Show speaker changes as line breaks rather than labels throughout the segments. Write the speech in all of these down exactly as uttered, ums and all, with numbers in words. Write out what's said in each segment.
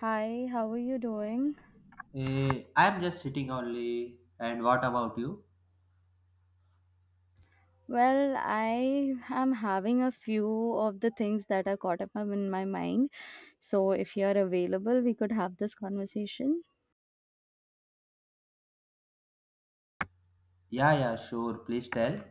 Hi, how are you doing?
Eh, I'm just sitting only. And what about you?
Well, I am having a few of the things that are caught up in my mind. So, if you are available, we could have this conversation.
Yeah, yeah, sure. Please tell.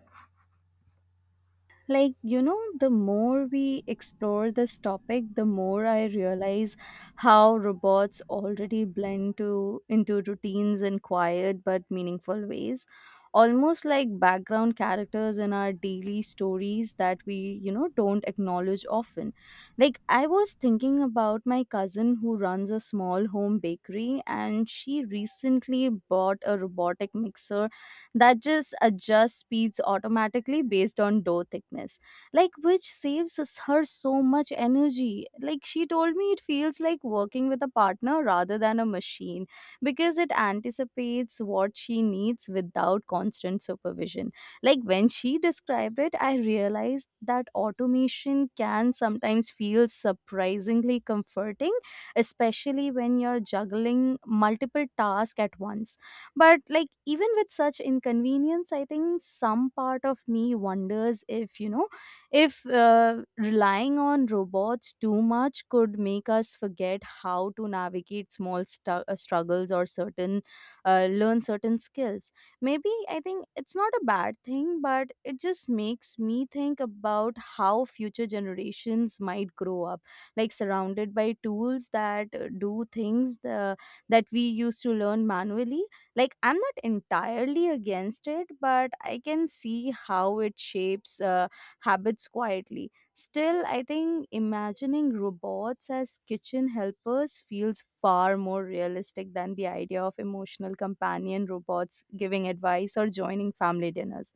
like you know The more we explore this topic, the more I realize how robots already blend to into routines in quiet but meaningful ways, almost like background characters in our daily stories that we you know don't acknowledge often. Like, I was thinking about my cousin who runs a small home bakery, and she recently bought a robotic mixer that just adjusts speeds automatically based on door thickness, like which saves us- her so much energy. Like, she told me it feels like working with a partner rather than a machine because it anticipates what she needs without constant supervision. Like, when she described it, I realized that automation can sometimes feel surprisingly comforting, especially when you're juggling multiple tasks at once. But like, even with such inconvenience, I think some part of me wonders if you know if uh, relying on robots too much could make us forget how to navigate small stu- uh, struggles or certain uh, learn certain skills. Maybe I think it's not a bad thing, but it just makes me think about how future generations might grow up, like surrounded by tools that uh, do things the, that we used to learn manually. Like, I'm not entirely against it, but I can see how it shapes uh, habits quietly. Still, I think imagining robots as kitchen helpers feels far more realistic than the idea of emotional companion robots giving advice or joining family dinners.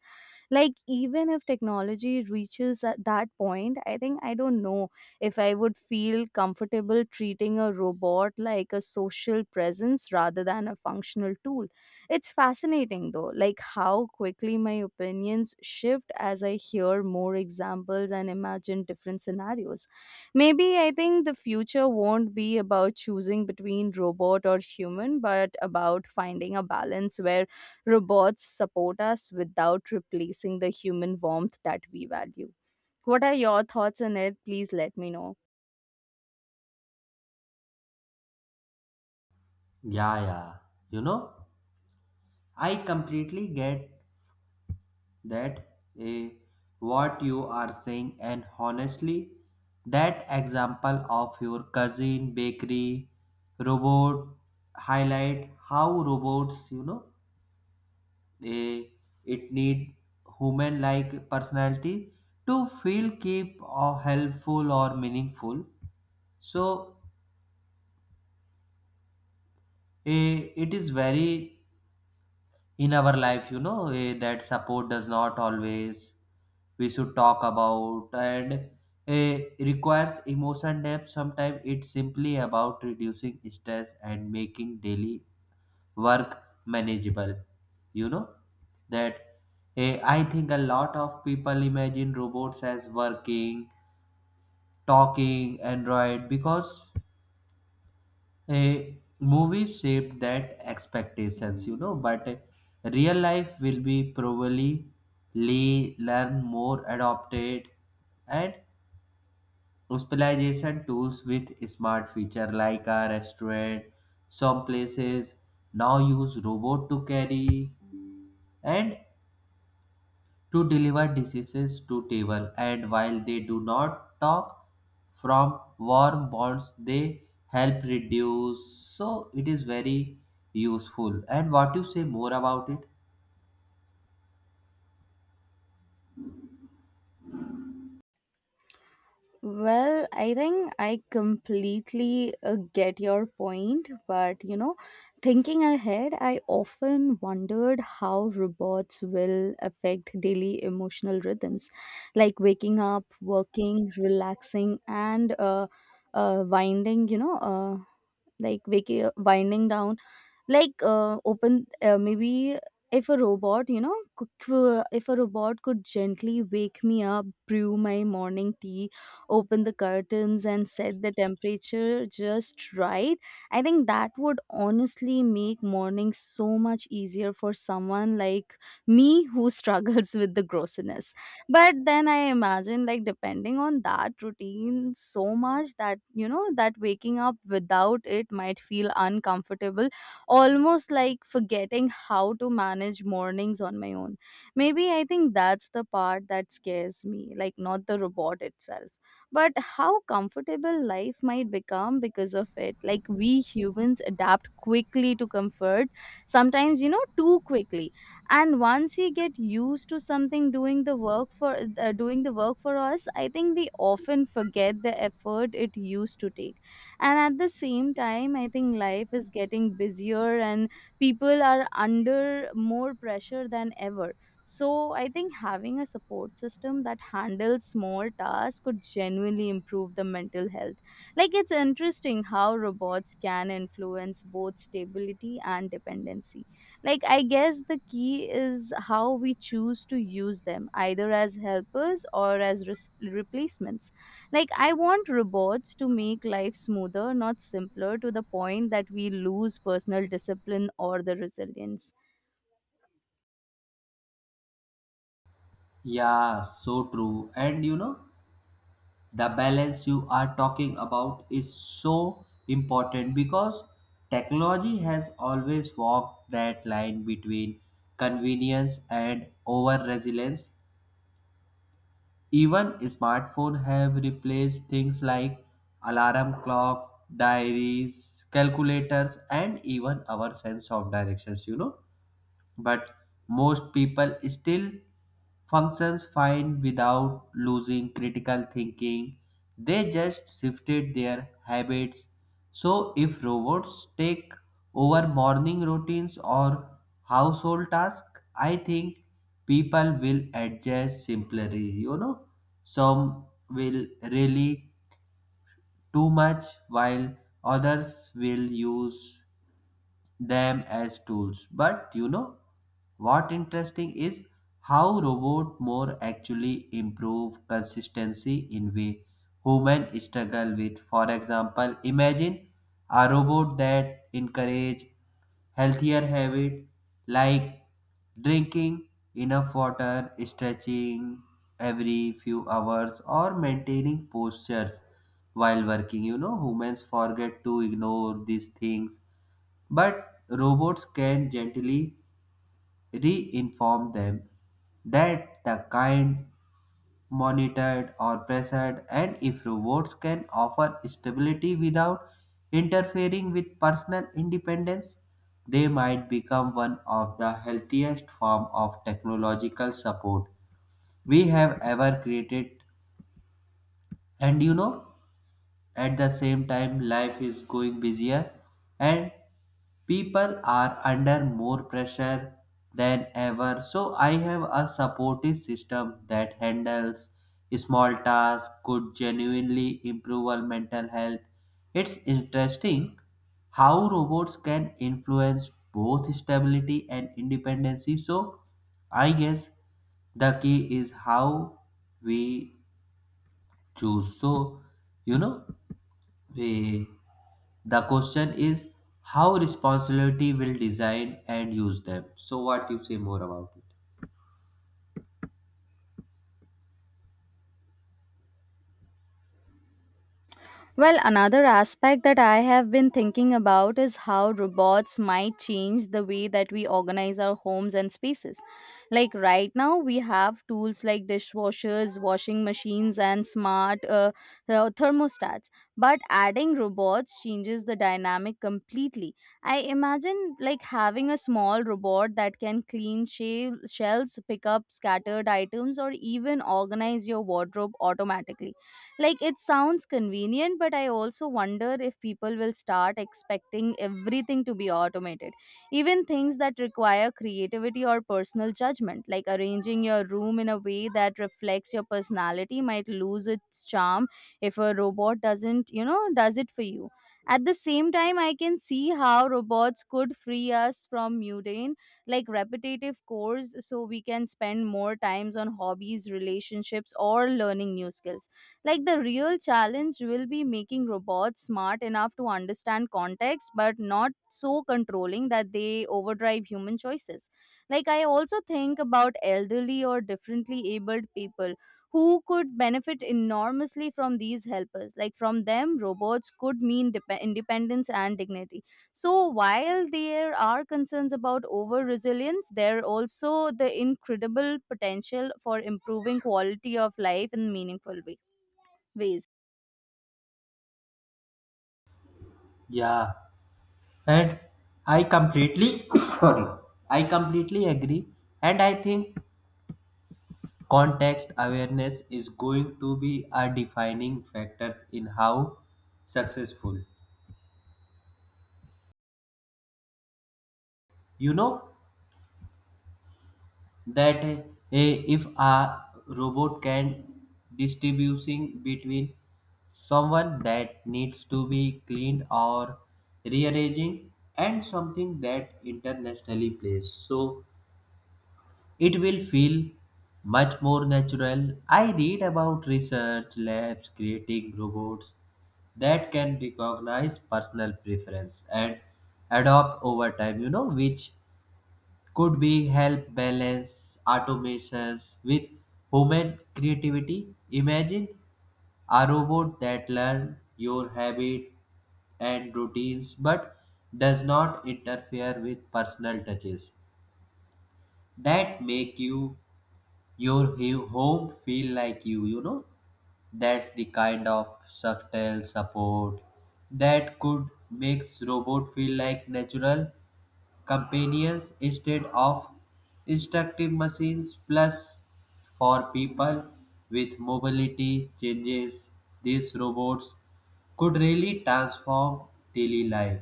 Like, even if technology reaches at that point, I think I don't know if I would feel comfortable treating a robot like a social presence rather than a functional tool. It's fascinating though, like how quickly my opinions shift as I hear more examples and imagine different scenarios. Maybe I think the future won't be about choosing between robot or human, but about finding a balance where robots support us without replacing the human warmth that we value. What are your thoughts on it? Please let me know.
Yeah, yeah. You know, I completely get that. Eh, what you are saying, and honestly, that example of your cousin bakery robot highlight how robots, you know, eh, it need human-like personality to feel keep or helpful or meaningful. So, Eh, it is very in our life, you know eh, that support does not always we should talk about, and eh, requires emotion depth. Sometimes it's simply about reducing stress and making daily work manageable. You know that, eh, I think a lot of people imagine robots as working, talking android, because a movie shaped that expectations, you know. But uh, real life will be probably le- learn more adopted and hospitalization tools with smart feature, like a restaurant. Some places now use robot to carry and to deliver diseases to table, and while they do not talk from warm bonds, they help reduce. So it is very useful. And what you say more about it?
Well, I think I completely uh, get your point, but you know, thinking ahead, I often wondered how robots will affect daily emotional rhythms, like waking up, working, relaxing, and uh, uh, winding, you know, uh, like waking, winding down. Like uh, open uh, maybe if a robot you know could- if a robot could gently wake me up, brew my morning tea, open the curtains, and set the temperature just right, I think that would honestly make mornings so much easier for someone like me who struggles with the grossiness. But then I imagine like depending on that routine so much that you know, that waking up without it might feel uncomfortable, almost like forgetting how to manage mornings on my own. Maybe I think that's the part that scares me, like not the robot itself, but how comfortable life might become because of it. Like we humans adapt quickly to comfort, sometimes, you know, too quickly. And once we get used to something doing the work for uh, doing the work for us, I think we often forget the effort it used to take. And at the same time, I think life is getting busier and people are under more pressure than ever. So I think having a support system that handles small tasks could genuinely improve the mental health. Like, it's interesting how robots can influence both stability and dependency. Like, I guess the key is how we choose to use them, either as helpers or as res- replacements. Like, I want robots to make life smoother, not simpler, to the point that we lose personal discipline or the resilience.
Yeah, so true. And you know, the balance you are talking about is so important, because technology has always walked that line between convenience and over resilience. Even smartphones have replaced things like alarm clock, diaries, calculators, and even our sense of directions, you know. But most people still functions fine without losing critical thinking. They just shifted their habits. So, if robots take over morning routines or household tasks, I think people will adjust simply. You know, some will really too much, while others will use them as tools. But you know what interesting is how robot more actually improve consistency in way human struggle with. For example, imagine a robot that encourage healthier habit, like drinking enough water, stretching every few hours, or maintaining postures while working. You know, humans forget to ignore these things, but robots can gently reinform them. That the kind monitored or pressured. And if robots can offer stability without interfering with personal independence, they might become one of the healthiest form of technological support we have ever created. And you know, at the same time, life is going busier and people are under more pressure than ever. So, I have a supportive system that handles small tasks, could genuinely improve our mental health. It's interesting how robots can influence both stability and independency. So, I guess the key is how we choose. So, you know, Eh, the question is how responsibility will design and use them. So what you say more about it?
Well, another aspect that I have been thinking about is how robots might change the way that we organize our homes and spaces. Like right now, we have tools like dishwashers, washing machines, and smart uh, uh, thermostats. But adding robots changes the dynamic completely. I imagine like having a small robot that can clean shell- shelves, pick up scattered items, or even organize your wardrobe automatically. Like it sounds convenient, but I also wonder if people will start expecting everything to be automated, even things that require creativity or personal judgment. Like arranging your room in a way that reflects your personality might lose its charm if a robot doesn't, you know, does it for you. At the same time, I can see how robots could free us from mundane, like repetitive chores, so we can spend more times on hobbies, relationships, or learning new skills. Like the real challenge will be making robots smart enough to understand context but not so controlling that they overdrive human choices. Like I also think about elderly or differently abled people who could benefit enormously from these helpers. Like from them, robots could mean dep- independence and dignity. So while there are concerns about over resilience, there are also the incredible potential for improving quality of life in meaningful way ways.
Yeah, and I completely sorry, I completely agree. And I think context awareness is going to be a defining factors in how successful. You know, that eh, if a robot can distributing between someone that needs to be cleaned or rearranging, and something that internationally plays, so it will feel much more natural. I read about research labs creating robots that can recognize personal preference and adopt over time, you know, which could we help balance automations with human creativity. Imagine a robot that learns your habits and routines, but does not interfere with personal touches that make you your he- home feel like you you know. That's the kind of subtle support that could makes robot feel like natural companions instead of instructive machines. Plus, for people with mobility changes, these robots could really transform daily life.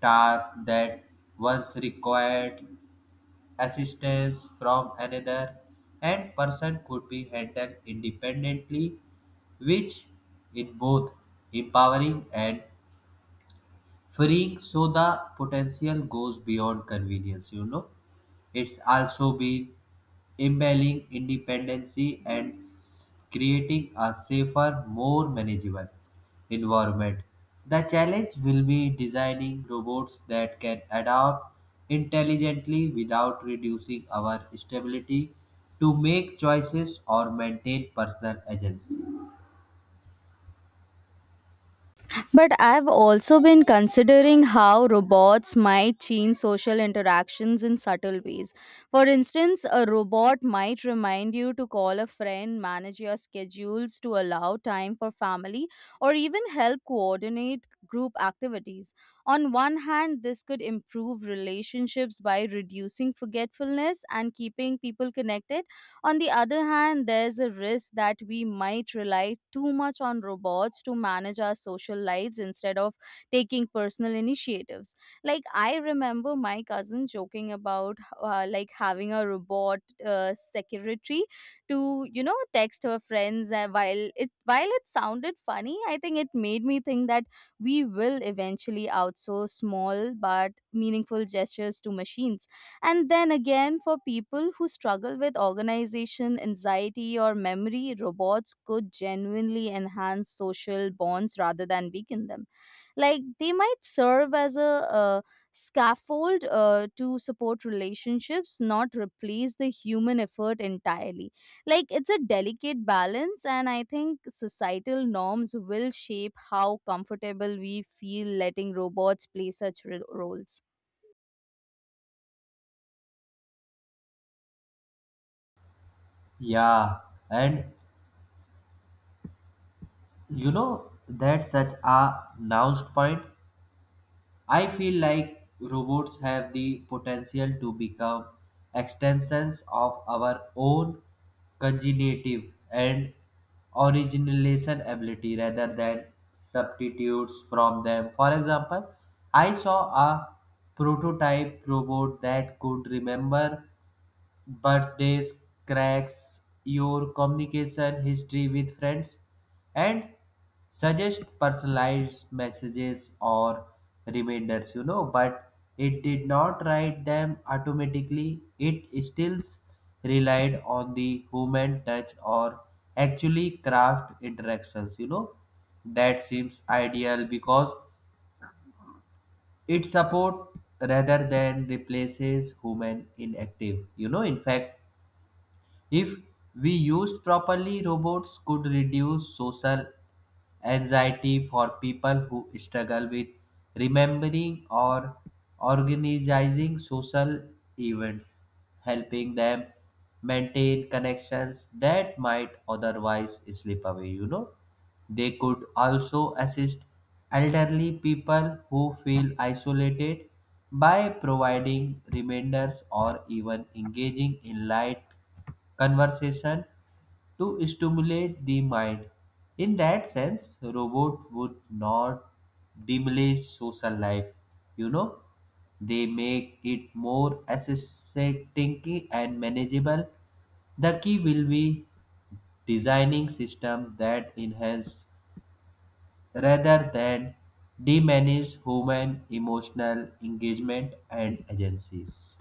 Tasks that once required assistance from another and person could be handled independently, which is both empowering and freeing. So the potential goes beyond convenience, you know. It's also been embedding independency and s- creating a safer, more manageable environment. The challenge will be designing robots that can adapt intelligently without reducing our stability to make choices or maintain personal agency.
But I've also been considering how robots might change social interactions in subtle ways. For instance, a robot might remind you to call a friend, manage your schedules to allow time for family, or even help coordinate group activities. On one hand, this could improve relationships by reducing forgetfulness and keeping people connected. On the other hand, there's a risk that we might rely too much on robots to manage our social lives instead of taking personal initiatives. Like I remember my cousin joking about uh, like having a robot uh, secretary to you know text her friends uh, while it while it sounded funny. I think it made me think that we will eventually outsource small but meaningful gestures to machines. And then again, for people who struggle with organization, anxiety, or memory, robots could genuinely enhance social bonds rather than weaken them. Like they might serve as a, uh scaffold uh, to support relationships, not replace the human effort entirely. Like it's a delicate balance, and I think societal norms will shape how comfortable we feel letting robots play such ro- roles.
Yeah, and you know, that's such a nuanced point. I feel like robots have the potential to become extensions of our own cognitive and origination ability, rather than substitutes from them. For example, I saw a prototype robot that could remember but birthdays, cracks, your communication history with friends, and suggest personalized messages or reminders, you know. But it did not write them automatically, it still relied on the human touch or actually craft interactions, you know. That seems ideal because it support rather than replaces human inactive. You know, in fact, if we used properly, robots could reduce social anxiety for people who struggle with remembering or organizing social events, helping them maintain connections that might otherwise slip away, you know. They could also assist elderly people who feel isolated by providing reminders or even engaging in light conversation to stimulate the mind. In that sense, robot would not diminish social life. You know, they make it more aesthetic and manageable. The key will be designing systems that enhance rather than diminish human emotional engagement and agencies.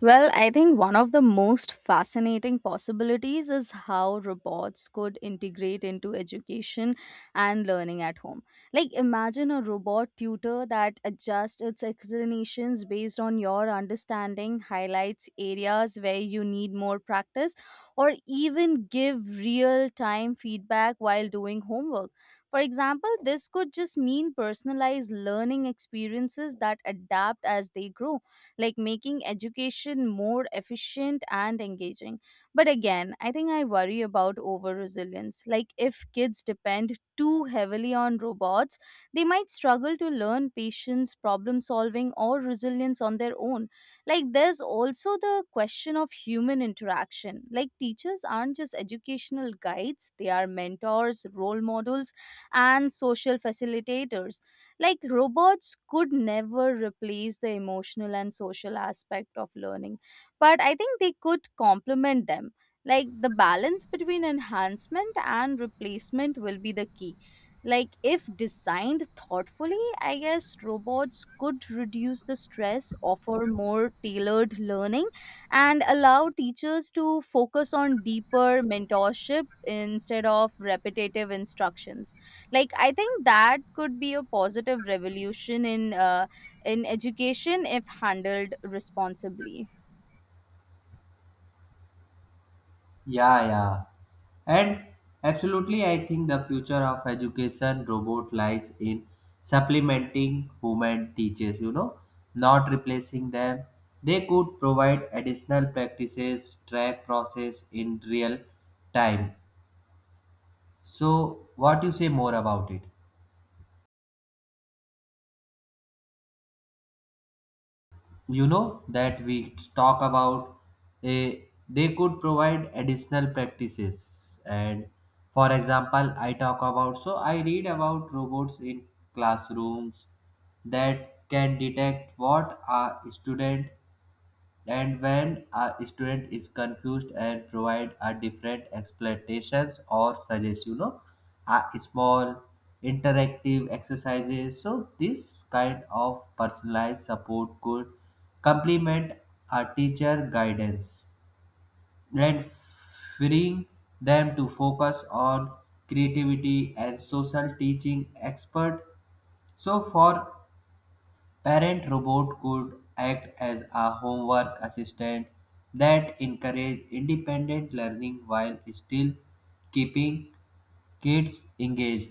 Well, I think one of the most fascinating possibilities is how robots could integrate into education and learning at home. Like, imagine a robot tutor that adjusts its explanations based on your understanding, highlights areas where you need more practice, or even give real time feedback while doing homework. For example, this could just mean personalized learning experiences that adapt as they grow, like making education more efficient and engaging. But again, I think I worry about over resilience. Like, if kids depend too heavily on robots, they might struggle to learn patience, problem solving, or resilience on their own. Like, there's also the question of human interaction. Like, teachers aren't just educational guides, they are mentors, role models, and social facilitators. Like robots could never replace the emotional and social aspect of learning, but I think they could complement them. Like the balance between enhancement and replacement will be the key. Like, if designed thoughtfully, I guess robots could reduce the stress, offer more tailored learning, and allow teachers to focus on deeper mentorship instead of repetitive instructions. Like I think that could be a positive revolution in uh, in education if handled responsibly.
Yeah, yeah. And absolutely, I think the future of education robot lies in supplementing human teachers, you know, not replacing them. They could provide additional practices, track process in real time. So, what you say more about it? You know that we talk about a, they could provide additional practices. And for example, I talk about, so I read about robots in classrooms that can detect what a student, and when a student is confused, and provide a different explanations, or suggest, you know, a small interactive exercises. So this kind of personalized support could complement a teacher guidance, and freeing them to focus on creativity and social teaching expert. So for parent, robot could act as a homework assistant that encourage independent learning while still keeping kids engaged.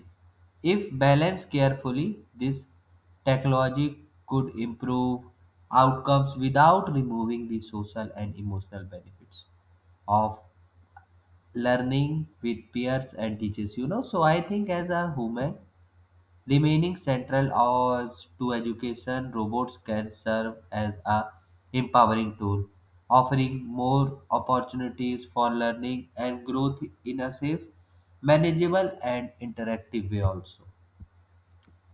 If balanced carefully, this technology could improve outcomes without removing the social and emotional benefits of learning with peers and teachers. You know, so I think as a human remaining central as to education, robots can serve as a empowering tool, offering more opportunities for learning and growth in a safe, manageable, and interactive way also.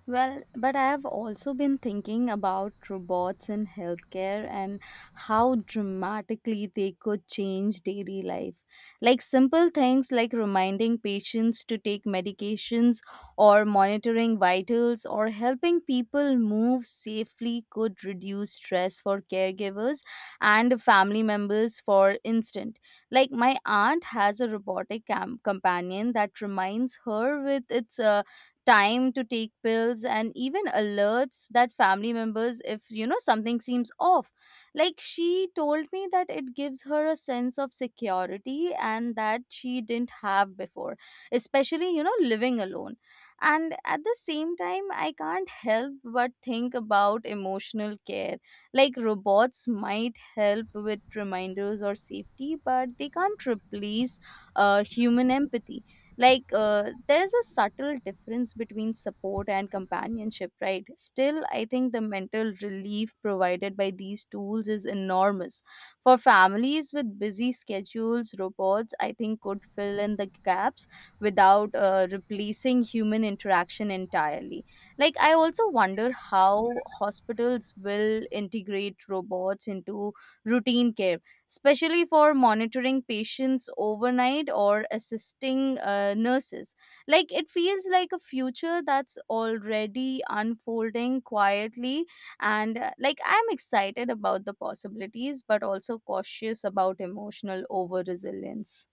Well, but I have also been thinking about robots in healthcare and how dramatically they could change daily life. Like simple things like reminding patients to take medications or monitoring vitals or helping people move safely could reduce stress for caregivers and family members, for instance. Like my aunt has a robotic cam- companion that reminds her with its uh, time to take pills, and even alerts that family members if you know something seems off. Like she told me that it gives her a sense of security and that she didn't have before, especially you know, living alone. And at the same time, I can't help but think about emotional care. Like robots might help with reminders or safety, but they can't replace uh, human empathy. Like uh, there's a subtle difference between support and companionship, right? Still, I think the mental relief provided by these tools is enormous. For families with busy schedules, robots I think could fill in the gaps without uh, replacing human interaction entirely. Like I also wonder how hospitals will integrate robots into routine care, especially for monitoring patients overnight or assisting uh, nurses. Like it feels like a future that's already unfolding quietly, and uh, like I'm excited about the possibilities, but also cautious about emotional over resilience.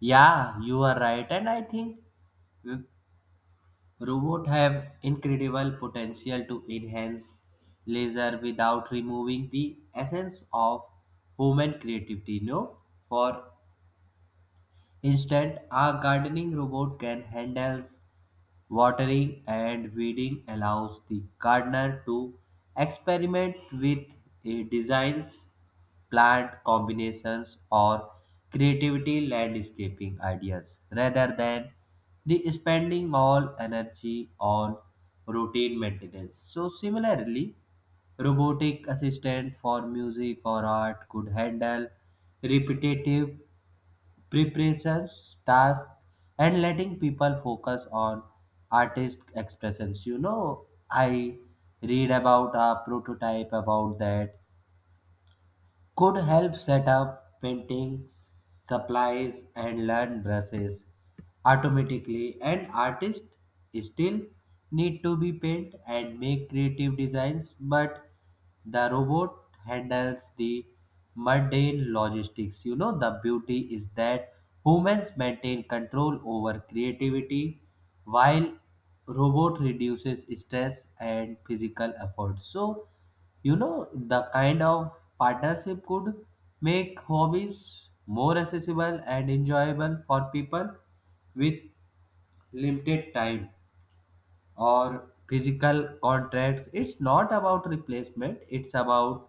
Yeah, you are right. And I think robots have incredible potential to enhance leisure without removing the essence of human creativity. No, for instead, a gardening robot can handle watering and weeding, allows the gardener to experiment with uh, designs, plant combinations, or creativity landscaping ideas, rather than the spending all energy on routine maintenance. So similarly, robotic assistant for music or art could handle repetitive preparations, tasks, and letting people focus on artist expressions. You know, I read about a prototype about that could help set up painting supplies and learn brushes automatically. And artists still need to be paint and make creative designs, but the robot handles the mundane logistics. You know, the beauty is that humans maintain control over creativity while robot reduces stress and physical effort. So, you know, the kind of partnership could make hobbies more accessible and enjoyable for people with limited time or physical contracts. It's not about replacement, it's about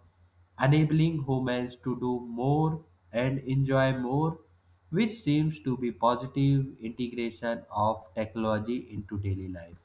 enabling humans to do more and enjoy more, which seems to be positive integration of technology into daily life.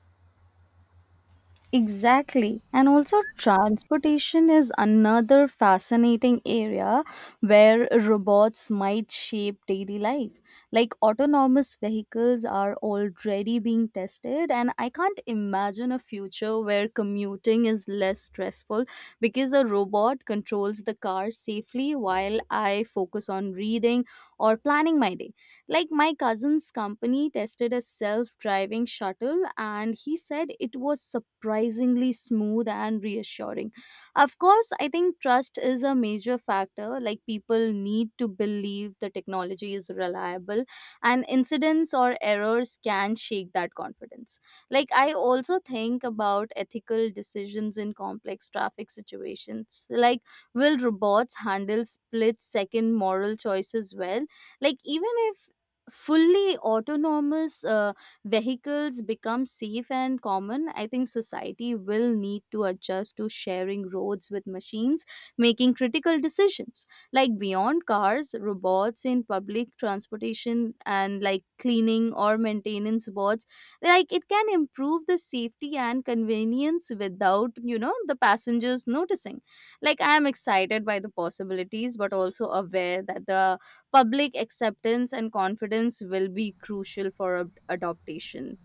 Exactly. And also, transportation is another fascinating area where robots might shape daily life. Like, autonomous vehicles are already being tested, and I can't imagine a future where commuting is less stressful because a robot controls the car safely while I focus on reading or planning my day. Like my cousin's company tested a self driving shuttle, and he said it was surprisingly smooth and reassuring. Of course, I think trust is a major factor. Like people need to believe the technology is reliable, and incidents or errors can shake that confidence. Like I also think about ethical decisions in complex traffic situations. Like, will robots handle split second moral choices well? Like, even if fully autonomous uh, vehicles become safe and common, I think society will need to adjust to sharing roads with machines making critical decisions. Like beyond cars, robots in public transportation and like cleaning or maintenance bots, like it can improve the safety and convenience without, you know, the passengers noticing. Like I am excited by the possibilities, but also aware that the public acceptance and confidence will be crucial for ad- adoption.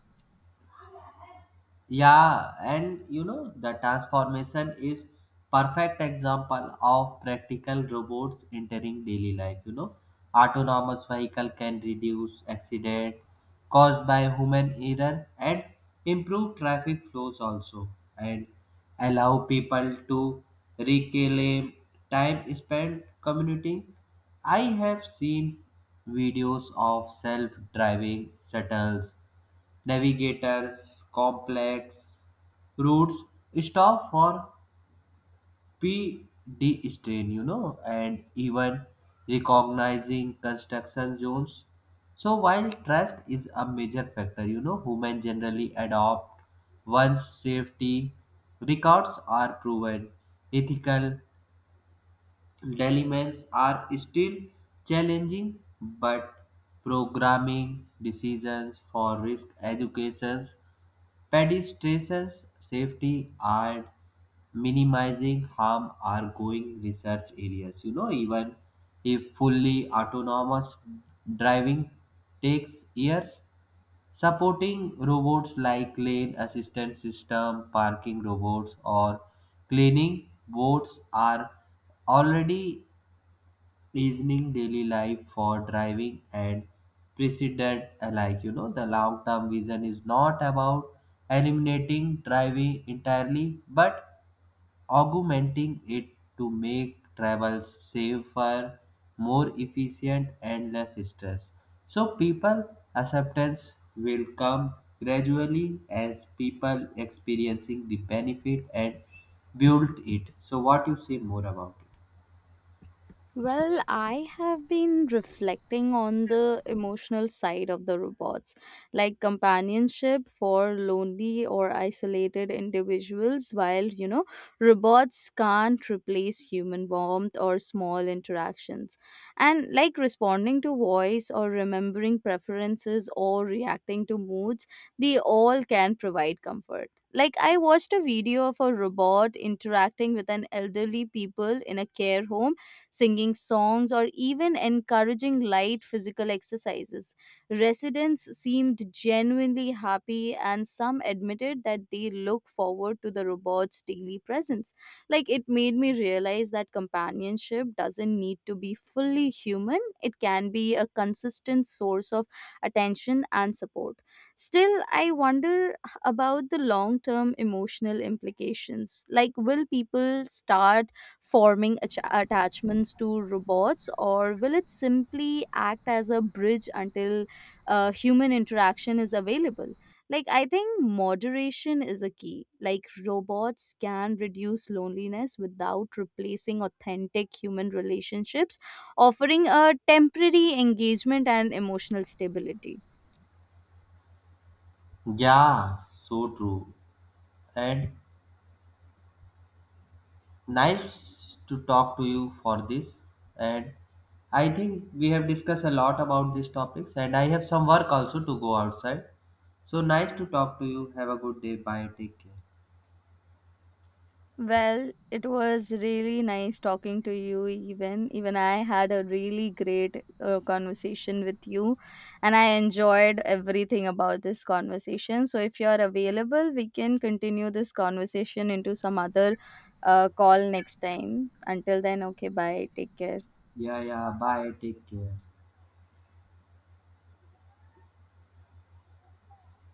Yeah, and you know, the transformation is perfect example of practical robots entering daily life, you know. Autonomous vehicle can reduce accident caused by human error and improve traffic flows also, and allow people to reclaim time spent commuting. I have seen videos of self-driving shuttles Navigator's complex routes, stop for P D strain, you know, and even recognizing construction zones. So while trust is a major factor, you know, humans generally adopt once safety records are proven. Ethical dilemmas are still challenging, but programming decisions for risk educations, pedestrians' safety, and minimizing harm are going research areas. You know, even if fully autonomous driving takes years, supporting robots like lane assistance system, parking robots, or cleaning boats are already reasoning daily life for driving and precedent alike. You know, the long term vision is not about eliminating driving entirely, but augmenting it to make travel safer, more efficient, and less stress. So, people acceptance will come gradually as people experiencing the benefit and build it. So, what you say more about it?
Well, I have been reflecting on the emotional side of the robots, like companionship for lonely or isolated individuals, while, you know, robots can't replace human warmth or small interactions. And like responding to voice or remembering preferences or reacting to moods, they all can provide comfort. Like I watched a video of a robot interacting with an elderly people in a care home, singing songs, or even encouraging light physical exercises. Residents seemed genuinely happy, and some admitted that they look forward to the robot's daily presence. Like, it made me realize that companionship doesn't need to be fully human, it can be a consistent source of attention and support. Still, I wonder h- about the long term emotional implications. Like, will people start forming ach- attachments to robots, or will it simply act as a bridge until uh, human interaction is available? Like, I think moderation is a key. Like, robots can reduce loneliness without replacing authentic human relationships, offering a temporary engagement and emotional stability.
Yeah, so true. And nice to talk to you for this. And I think we have discussed a lot about these topics, and I have some work also to go outside. So nice to talk to you. Have a good day. Bye, take care.
Well, it was really nice talking to you. Even even I had a really great uh, conversation with you, and I enjoyed everything about this conversation. So if you are available, we can continue this conversation into some other uh, call next time. Until then, okay, bye. Take care.
Yeah, yeah, bye, take care.